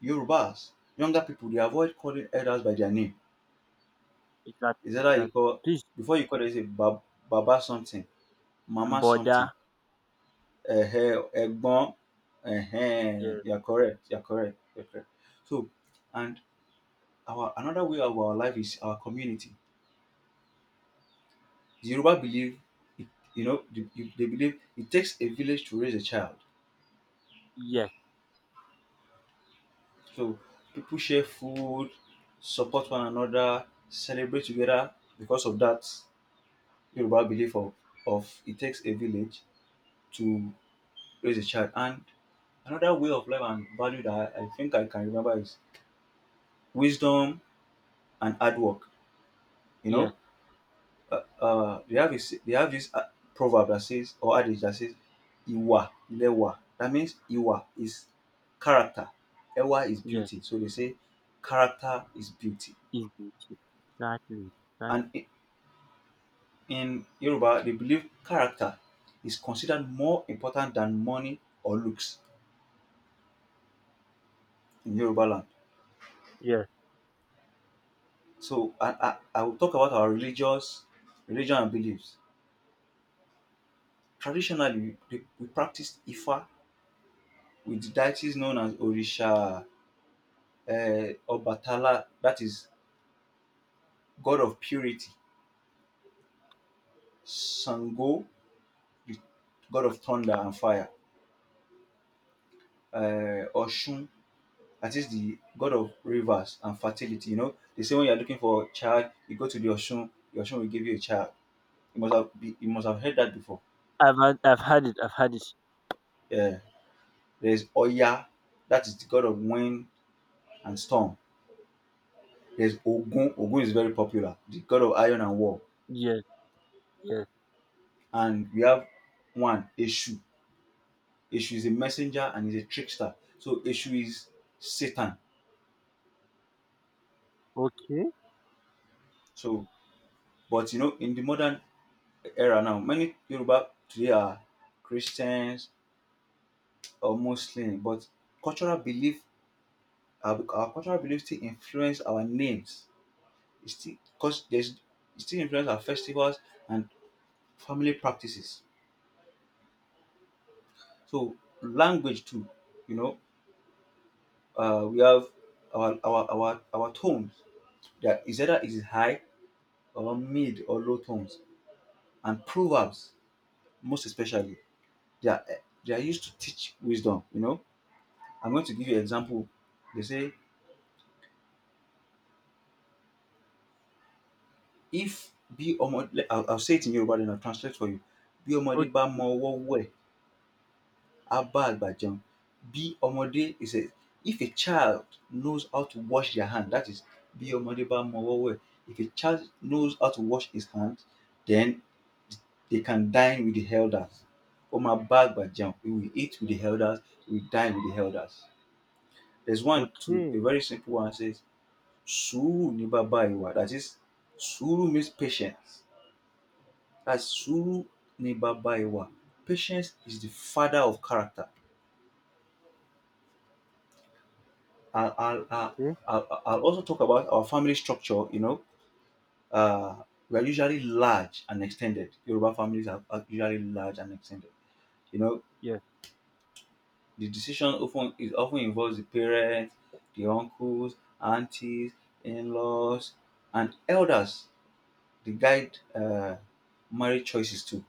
S1: Yorubas, younger people, they avoid calling elders by their name.
S2: exactly,
S1: Is that how you
S2: exactly.
S1: call
S2: Please,
S1: before you call them, you say "Bab- baba something, Mama something,
S2: border.
S1: um Egbon,"
S2: Yes,
S1: you are correct, you are correct, you are correct. So and our another way of our life is our community. The Yoruba believe it you know they believe it takes a village to raise a child.
S2: yes,
S1: So people share food, support one another, celebrate together because of that Yoruba belief of it takes a village to raise a child. And another way of life and value that I think I can remember is wisdom and hard work. You
S2: yes,
S1: know, they have this. They have this proverb that says or adage that says, "Iwa lewa." That means Iwa is character, Ewa is
S2: yes,
S1: beauty. So they say
S2: yes.
S1: character is beauty,
S2: It's beauty. Exactly, exactly.
S1: and in Yoruba they believe character is considered more important than money or looks in Yoruba land.
S2: Yes,
S1: So I will talk about our religious religion and beliefs. Traditionally, we practice Ifa with deities known as Orisha: Obatala, that is god of purity; Sango, the god of thunder and fire; uh, Oshun, that is the god of rivers and fertility. You know, they say when you're looking for a child, you go to the Oshun will give you a child. You must have, you must have heard that before.
S2: I've had it, I've had it.
S1: Yeah. There's Oya, that is the god of wind and storm. There's Ogun. Ogun is very popular, the god of iron and war.
S2: Yes, yes.
S1: And we have one, Eshu. Ishu is a messenger and is a trickster. So Ishu is Satan.
S2: Okay,
S1: So, but you know, in the modern era now, many Yoruba today are Christians or Muslim, but cultural belief, our cultural beliefs still influence our names. It still, cause there's it still influence our festivals and family practices. So language too, you know, we have our tones that is either is high or mid or low tones, and proverbs most especially, they are they are used to teach wisdom. You know, I'm going to give you an example. They say if I'll say it in Yoruba then I'll translate for you. Bí ọmọdé
S2: okay,
S1: bá mọ ọwọ́ wẹ̀, á bá àgbà jẹun. Bí ọmọdé is a, if a child knows how to wash their hand, that is bí ọmọdé bá mọ ọwọ́ wẹ̀, if a child knows how to wash his hand, then they can dine with the elders. Ó máa bá àgbà jẹun, he will eat with the elders, he will dine with the elders. There's one to a
S2: okay,
S1: very simple one says, Suru ni baba iwa. That is, Suru means patience. That's Suru ni baba iwa. Patience is the father of character. I'll, I'll, I'll,
S2: okay.
S1: I'll also talk about our family structure. You know, uh, we are usually large and extended. Yoruba families are usually large and extended. You know,
S2: Yes,
S1: the decision often it often involves the parents, the uncles, aunties, in-laws, and elders. They guide marriage choices too.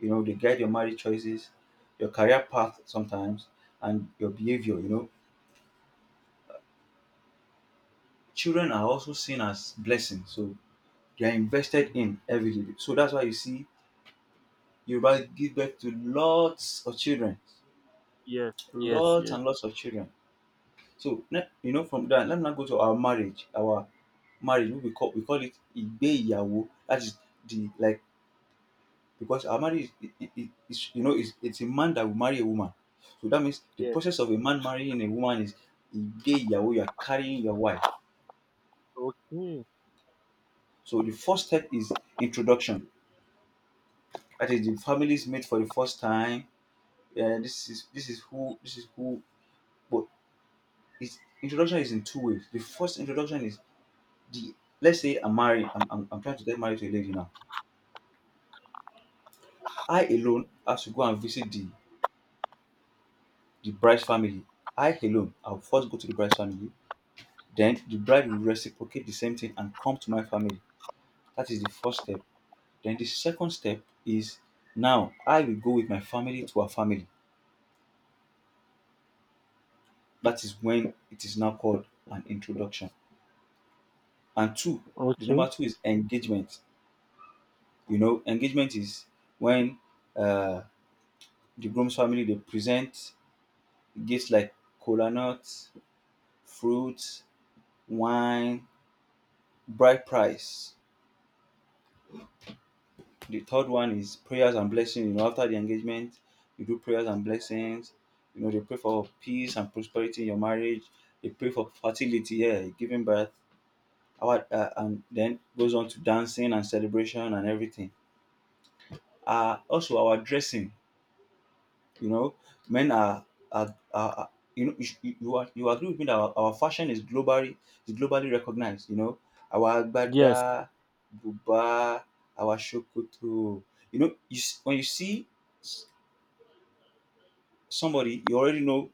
S1: You know, they guide your marriage choices, your career path sometimes, and your behavior. You know, children are also seen as blessings, so they are invested in heavily. So that's why you see Yoruba give birth to lots of children,
S2: yes, yes,
S1: lots
S2: yes,
S1: and lots of children. So you know, from that, let me now go to our marriage. Our marriage, we call it igbeyawo. That is the like because our marriage you know is it's a man that will marry a woman, so that means the
S2: yes.
S1: process of a man marrying a woman is gay yahoo, you are carrying your wife.
S2: Okay,
S1: So the first step is introduction, that is the families meet for the first time, yeah, this is who this is who. But it's introduction is in two ways. The first introduction is the, let's say I'm marrying, I'm, trying to get married to a lady now. I alone have to go and visit the bride's family. I alone, I'll first go to the bride's family. Then the bride will reciprocate the same thing and come to my family. That is the first step. Then the second step is now I will go with my family to her family. That is when it is now called an introduction. And two, the
S2: okay.
S1: number two is engagement. You know, engagement is when uh, the groom's family they present gifts like cola nuts, fruits, wine, bride price. The third one is prayers and blessings. You know, after the engagement, you do prayers and blessings. You know, they pray for peace and prosperity in your marriage. They pray for fertility, yeah, giving birth. Our, and then goes on to dancing and celebration and everything. Also, our dressing. You know, men are, are, are- you know you you are, you agree with me that our fashion is globally recognized. You know, our
S2: Yes,
S1: agbada, buba, our shokoto. You know, when you see s- somebody, you already know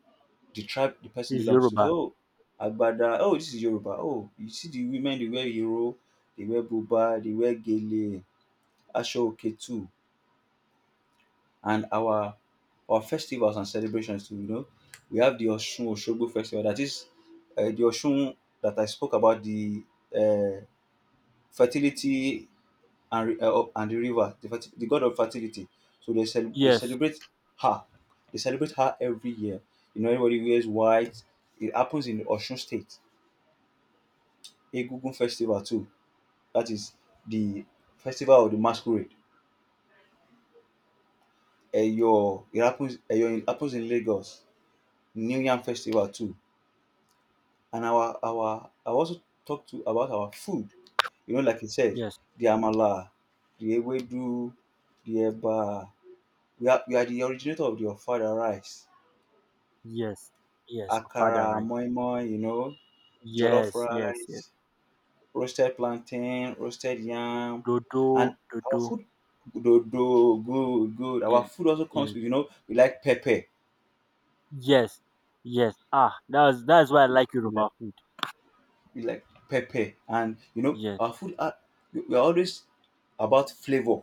S1: the tribe the person
S2: it's
S1: belongs to. So,
S2: Yoruba.
S1: oh, agbada. Oh, this is Yoruba. Oh, you see the women they wear Euro, they wear buba, they wear gele, asho oke, and our festivals and celebrations too. You know, we have the Oshun Oshogbo festival. That is the Oshun that I spoke about, the uh, fertility and and the river, the god of fertility. So they they
S2: Yes,
S1: celebrate her. They celebrate her every year. You know, everybody wears white. It happens in Oshun State. Egungun festival too. That is the festival of the masquerade. Eyo, it happens. Eyo, it happens in Lagos. New Yam festival too. And our I also talk to about our food. You know, like you said,
S2: yes,
S1: the amala, the ewedu, the eba. We are the originator of the ofada rice,
S2: yes, yes.
S1: akara,
S2: Father, right.
S1: moi moi. You know, jollof
S2: Yes, yes, yes.
S1: rice, roasted plantain, roasted yam,
S2: Dodo,
S1: and our
S2: dodo.
S1: food. Dodo, good, good. Our
S2: Yes,
S1: food also comes
S2: yes,
S1: with, you know, we like pepper,
S2: yes, yes. Ah, that's why I like
S1: we like
S2: Yoruba food.
S1: we like pepper, and you know
S2: Yes,
S1: our food. Are, we are always about flavor.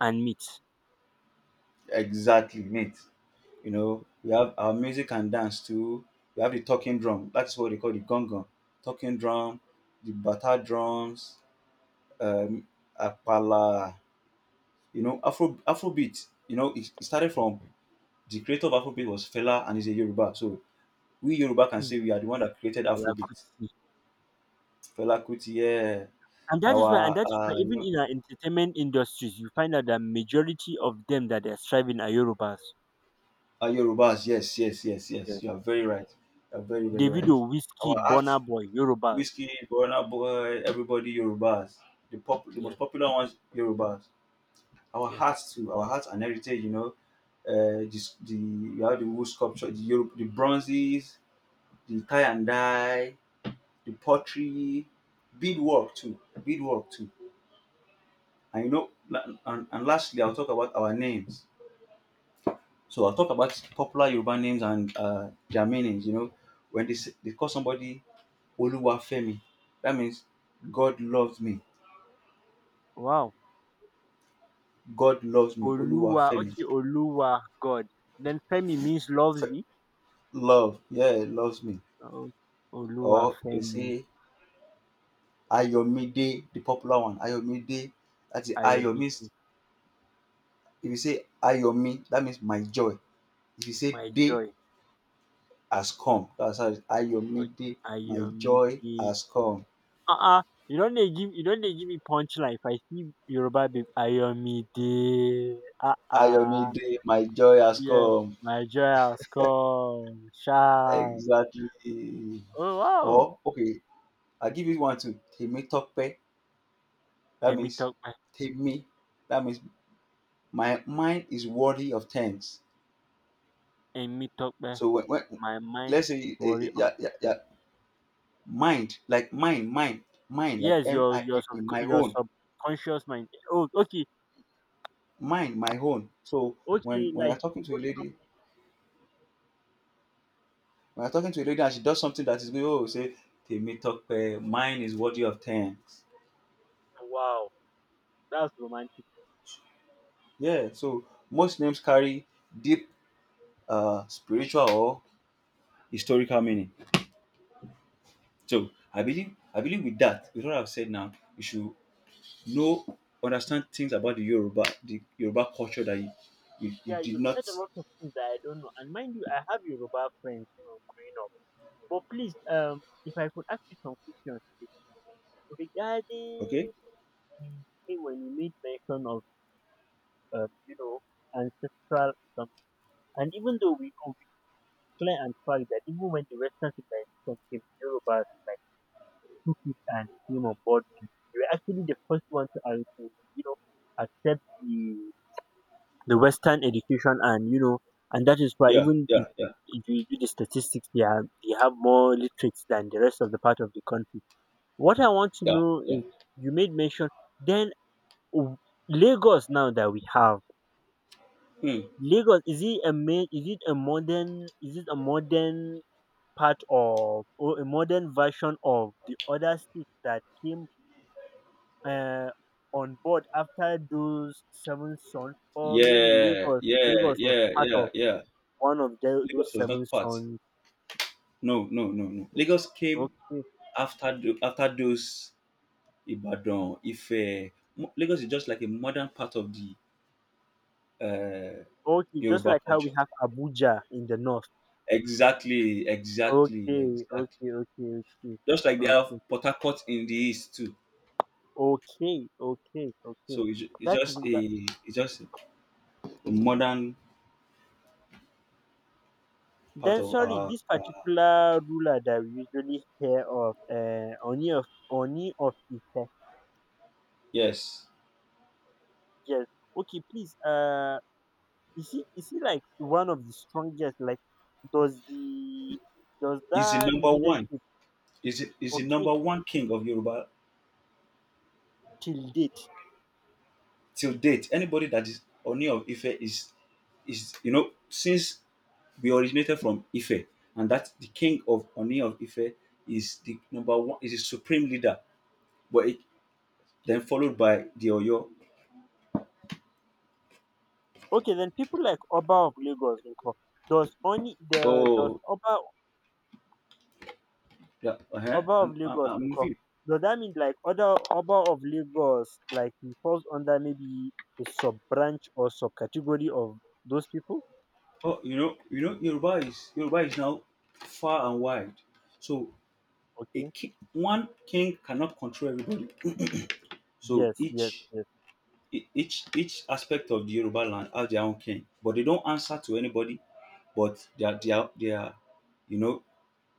S2: and meat.
S1: Exactly, mate. You know, we have our music and dance too. We have the talking drum. That's what they call the gong. Talking drum, the bata drums, um, apala. You know, Afrobeat. You know, it started from the creator of Afrobeat was Fela, and he's a Yoruba. So we Yoruba can
S2: Mm,
S1: say we are the one that created Afrobeat.
S2: Alakuti.
S1: Fela Kuti, yeah.
S2: And that is why, and
S1: Our
S2: that is why, even in our entertainment industries, you find out that majority of them that they are striving are Yorubas.
S1: our Yorubas. Yes, yes, yes,
S2: Yeah.
S1: yes. You are very right. You are very very
S2: Davido,
S1: right. Our
S2: Wizkid,
S1: art.
S2: Burna Boy, Yorubas.
S1: Whiskey, Burna Boy, everybody Yorubas. The most
S2: Yes,
S1: popular ones Yorubas. Our
S2: yeah.
S1: hearts too, our hearts and heritage. You have the wood sculpture, the Yoruba, the bronzes, the tie and dye, the pottery, beadwork too, beadwork too. And you know, and lastly, I'll talk about our names. So I'll talk about popular Yoruba names and their meanings. You know, when they call somebody Oluwafemi, that means
S2: Mm.
S1: God loves me.
S2: Wow.
S1: God loves me,
S2: Oluwa,
S1: Oluwafemi.
S2: okay, Oluwa, God. Then Femi means loves
S1: Fe-
S2: me.
S1: Love, yeah, loves me.
S2: Oh, Oluwa,
S1: Or we
S2: Femi,
S1: say Ayomide, the popular one, Ayomide. That is, Ayo means,
S2: Ayomide.
S1: if you say Ayomi, that means my joy. If you say
S2: My
S1: day
S2: joy.
S1: has come, that's how it's
S2: Okay.
S1: Ayomide, my joy
S2: Ayomide.
S1: has come.
S2: Uh-uh. You don't dey give me punchline. If I see Yoruba babe, Ayomide. Uh-uh.
S1: Ayomide, my joy has
S2: Yeah.
S1: come.
S2: My joy has come. Sharp.
S1: Exactly.
S2: Oh wow.
S1: Or okay, I'll give you one too. Temi Tokpe, that
S2: Emi
S1: means
S2: Tope.
S1: Temi, that means my mind is worthy of thanks.
S2: Emi Tope.
S1: So when
S2: My mind,
S1: let's say
S2: worry of,
S1: yeah, yeah, yeah, mind like mine, like
S2: yes,
S1: M I N E, my
S2: your
S1: own,
S2: subconscious mind. Oh, okay.
S1: mine, my own. So when
S2: Okay,
S1: when you're
S2: like,
S1: talking to a
S2: hold
S1: lady,
S2: something.
S1: when you're talking to a lady and she does something that is good, oh say Temi talk, mine is worthy of thanks.
S2: Wow. That's romantic.
S1: Yeah. So most names carry deep spiritual or historical meaning. So I believe with that, with what I've said now, you should know understand things about the Yoruba culture that you
S2: Yeah,
S1: did
S2: you
S1: not.
S2: said a lot of things that I don't know. And mind you, I have Yoruba friends, you know, growing up. But please, if I could ask you some questions please,
S1: Okay.
S2: regarding, hey, when you made mention of, you know, ancestral some, and even though we know, we clear and fact that even when the Western civilization came, Yoruba like took it and came on board, and they were actually the first one to, to, you know, accept the Western education, and you know, and that is why
S1: Yeah.
S2: even
S1: Yeah. Yeah.
S2: if you do the statistics, they have more literates than the rest of the part of the country. What I want to
S1: Yeah.
S2: know
S1: Yeah.
S2: is, you made mention, then w- Lagos, now that we have
S1: Hmm.
S2: Lagos, is it a is it a modern, part of, or a modern version of the other states that came uh, on board after those seven sons, or maybe
S1: Yeah.
S2: Lagos,
S1: Yeah.
S2: Was
S1: Yeah.
S2: part
S1: Yeah.
S2: of
S1: Yeah.
S2: one of the,
S1: Lagos
S2: those
S1: was
S2: seven
S1: not part.
S2: sons.
S1: No. No. No. No. Lagos came
S2: Okay,
S1: after the, after those Ibadan. If Lagos is just like a modern part of the uh,
S2: okay, just
S1: Yoruba
S2: like how we
S1: culture.
S2: have Abuja in the north.
S1: Exactly. Exactly.
S2: Okay,
S1: Exactly.
S2: okay, okay, okay,
S1: Just like they have
S2: okay,
S1: Port Harcourt in the east too.
S2: okay, okay, okay.
S1: So
S2: That is that.
S1: it's just a modern part
S2: Then
S1: of
S2: sorry,
S1: our.
S2: this particular ruler that we usually hear of, Oni of Ife.
S1: Yes.
S2: Yes. Okay, please. Is he, is he like one of the strongest? Like, does the does
S1: It's the
S2: that
S1: number one.
S2: leadership,
S1: Is the
S2: okay,
S1: number one king of Yoruba
S2: till date?
S1: till date. Anybody that is Oni of Ife is you know, since we originated from Ife, and that the king of Oni of Ife is the number one, is the supreme leader, but it, then followed by the Oyo.
S2: Okay, then people like Oba of Lagos nko, does only the does
S1: Oh,
S2: Oba
S1: yeah, uh-huh.
S2: Of Lagos
S1: I'm with
S2: nko,
S1: you.
S2: does that mean, like, other Oba of Lagos, like he falls under maybe a sub branch or subcategory of those people?
S1: Oh, you know, Yoruba is now far and wide. So
S2: Okay.
S1: one king cannot control everybody. So
S2: Yes, yes,
S1: each
S2: yes,
S1: e- each each aspect of the Yoruba land have their own king, but they don't answer to anybody. But they are, you know,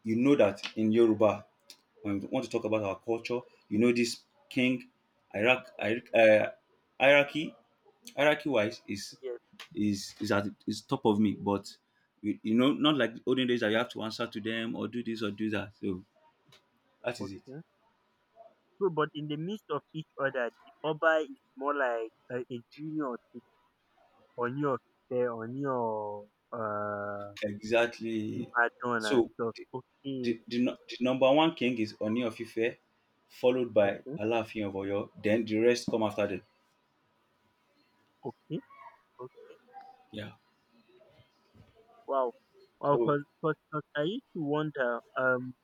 S1: you know that in Yoruba, when we want to talk about our culture, you know, this king Iraq, hierarchy, hierarchy wise,
S2: yes.
S1: is at, is top of me, but you know, not like the olden days that you have to answer to them or do this or do that. So that is it
S2: Okay. So, but in the midst of each other, the Oba is more like a, junior to on your on your uh
S1: exactly.
S2: Ibadan and
S1: So
S2: stuff. Okay,
S1: The, the number one king is Oni of Ife, followed by
S2: okay,
S1: Alaafin of Oyo. Then the rest come after them.
S2: okay, okay.
S1: Yeah.
S2: Wow. Wow.
S1: So
S2: 'Cause I used to wonder,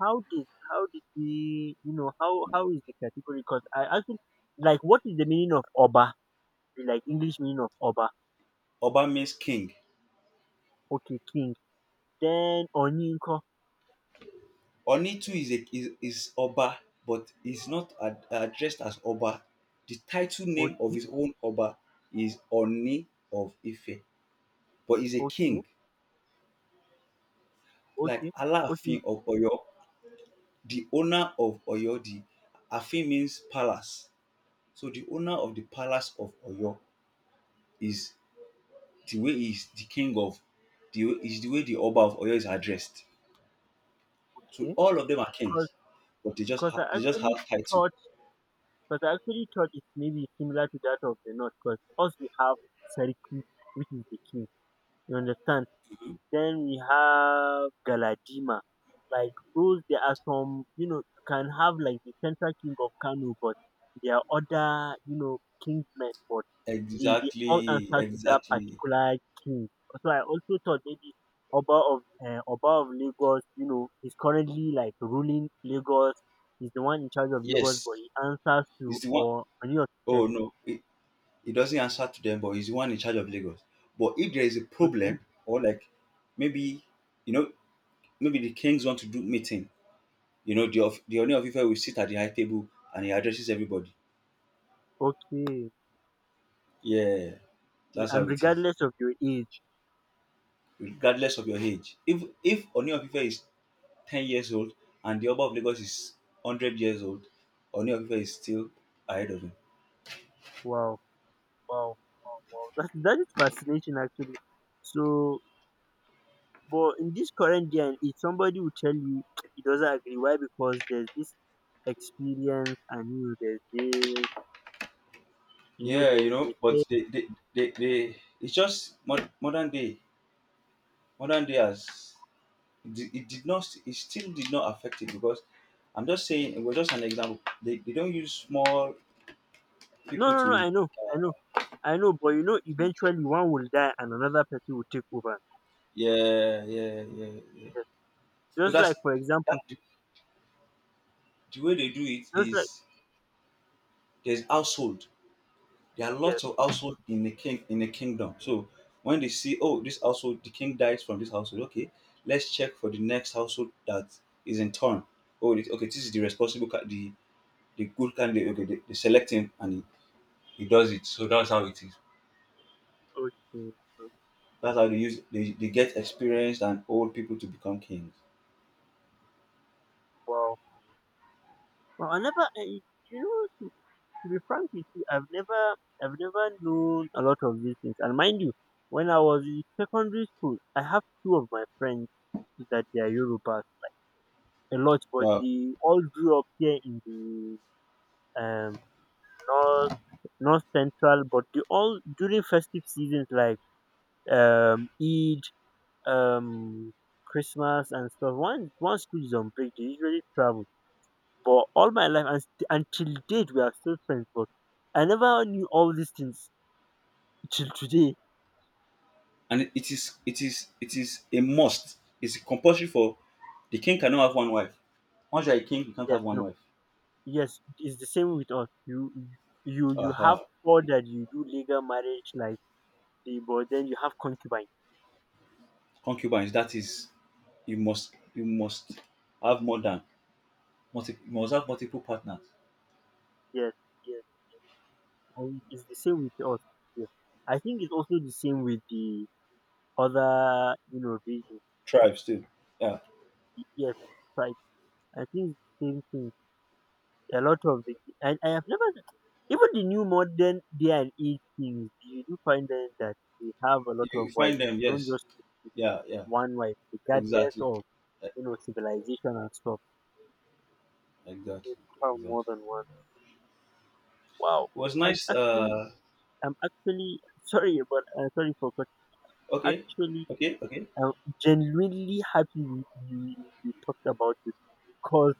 S2: how did we, you know, how is the category? Because I actually, like, what is the meaning of Oba? Like, English meaning of Oba?
S1: Oba means king.
S2: Okay, king. Then Onyinko.
S1: Oni too is is Oba, but is not addressed as Oba. The title name of
S2: Okay,
S1: his own Oba is Oni of Ife, but is a
S2: okay,
S1: king, like
S2: okay, okay.
S1: Alaafin of Oyo, the owner of Oyo. The Afin means palace, so the owner of the palace of Oyo is the way is the king of the way is the way the Oba of Oyo is addressed. So
S2: Yeah.
S1: all of them are
S2: Cause,
S1: kings, but
S2: 'Cause I
S1: they just
S2: actually
S1: have title.
S2: thought, it's maybe similar to that of the North. Cause us, we have Seriki, which is the king. You understand? Then we have Galadima. Like, those, there are some, you know, you can have, like, the central king of Kano, but there are other, you know, kingsmen, but they all
S1: Exactly,
S2: answer to that
S1: exactly.
S2: particular king. So I also thought maybe Oba of, Oba of Lagos, you know, is currently like ruling Lagos. He's the one in charge of Lagos, but
S1: Yes,
S2: he answers to,
S1: it's the one.
S2: or, Oni of Ife.
S1: Oh no, it doesn't answer to them, but he's the one in charge of Lagos. But if there is a
S2: Okay,
S1: problem, or like, maybe, you know, maybe the kings want to do meeting, you know, the of the Oni of Ife will sit at the high table and he addresses everybody.
S2: okay.
S1: Yeah, that's how
S2: And
S1: it is.
S2: regardless of your age,
S1: Regardless of your age, if Oni of Ife is 10 years old, and the Oba of Lagos is 100 years old, Oni of Ife is still ahead of him.
S2: wow. Wow, wow, wow. That is fascinating, actually. So, but in this current day, and if somebody will tell you he doesn't agree, why? Because there's this experience, and you know, there's this, you know,
S1: Yeah, you
S2: there's this.
S1: know,
S2: this-
S1: but they it's just modern day. Modern day has it, it did not, it still did not affect it because I'm just saying it was just an example. They don't use small
S2: No,
S1: people
S2: no, no.
S1: to,
S2: I know, I know, I know. But you know, eventually one will die, and another person will take over.
S1: yeah yeah yeah yeah.
S2: Yes.
S1: So
S2: Just
S1: that's
S2: like, for
S1: that
S2: example,
S1: the way they do it
S2: just like
S1: is, there's household. There are
S2: yes,
S1: lots of household in a kingdom. So when they see, oh, this household, the king dies from this household. Okay, let's check for the next household that is in turn. Oh, this is the responsible, the good candidate. Okay, they select him and he does it. So that's how it is.
S2: okay, okay,
S1: That's how they use, they get experienced and old people to become kings.
S2: wow. Well, I never, I, you know, to be frank with you, I've never known a lot of these things. And mind you, when I was in secondary school, I have two of my friends that they are Yorubas a lot, but
S1: Wow.
S2: they all grew up here in the um north, north central. But they all, during festive seasons like Eid, um Christmas and stuff. Once school is on break, they usually travel. But all my life, and until date, we are still friends. But I never knew all these things till today.
S1: And it is a must. It's compulsory for, the king cannot have one wife. Once you're a king, you can't
S2: Yes.
S1: have one
S2: No.
S1: wife.
S2: Yes, it's the same with us. You, you have
S1: Uh-huh.
S2: four that you do legal marriage, like, but then you have concubine.
S1: Concubines, that is, you must have more than you must have multiple partners.
S2: Yes, yes, and it's the same with us. Yes. I think it's also the same with the other, you know, religions. It's,
S1: Tribes too, yeah,
S2: yes, right, I think it's the same thing, a lot of the, and I have never, even the new modern day and age, things you do find, that they have a lot of
S1: you
S2: wives,
S1: find them,
S2: don't
S1: yes,
S2: just stick
S1: yeah, yeah.
S2: with one wife regardless
S1: Exactly.
S2: of,
S1: E-
S2: you know, civilization and stuff. They
S1: exactly,
S2: found more
S1: exactly.
S2: than one. Wow.
S1: It was
S2: And
S1: nice,
S2: actually,
S1: uh,
S2: I'm actually, sorry, but, sorry for cutting.
S1: okay,
S2: Actually,
S1: okay, okay.
S2: I'm genuinely happy we, we talked about it, because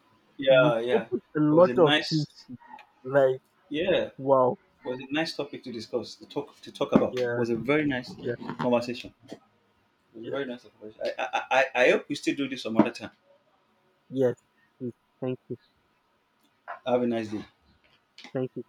S2: you've
S1: Yeah, yeah,
S2: opened a
S1: it was
S2: lot
S1: a
S2: of things
S1: nice,
S2: to me. Like,
S1: yeah,
S2: wow.
S1: it was a nice topic to discuss, to talk about. It
S2: Yeah,
S1: was a very nice
S2: yeah,
S1: conversation. It was a
S2: yeah.
S1: very nice conversation. I hope we still do this some other time.
S2: Yes. Please. Thank you.
S1: Have a nice day.
S2: Thank you.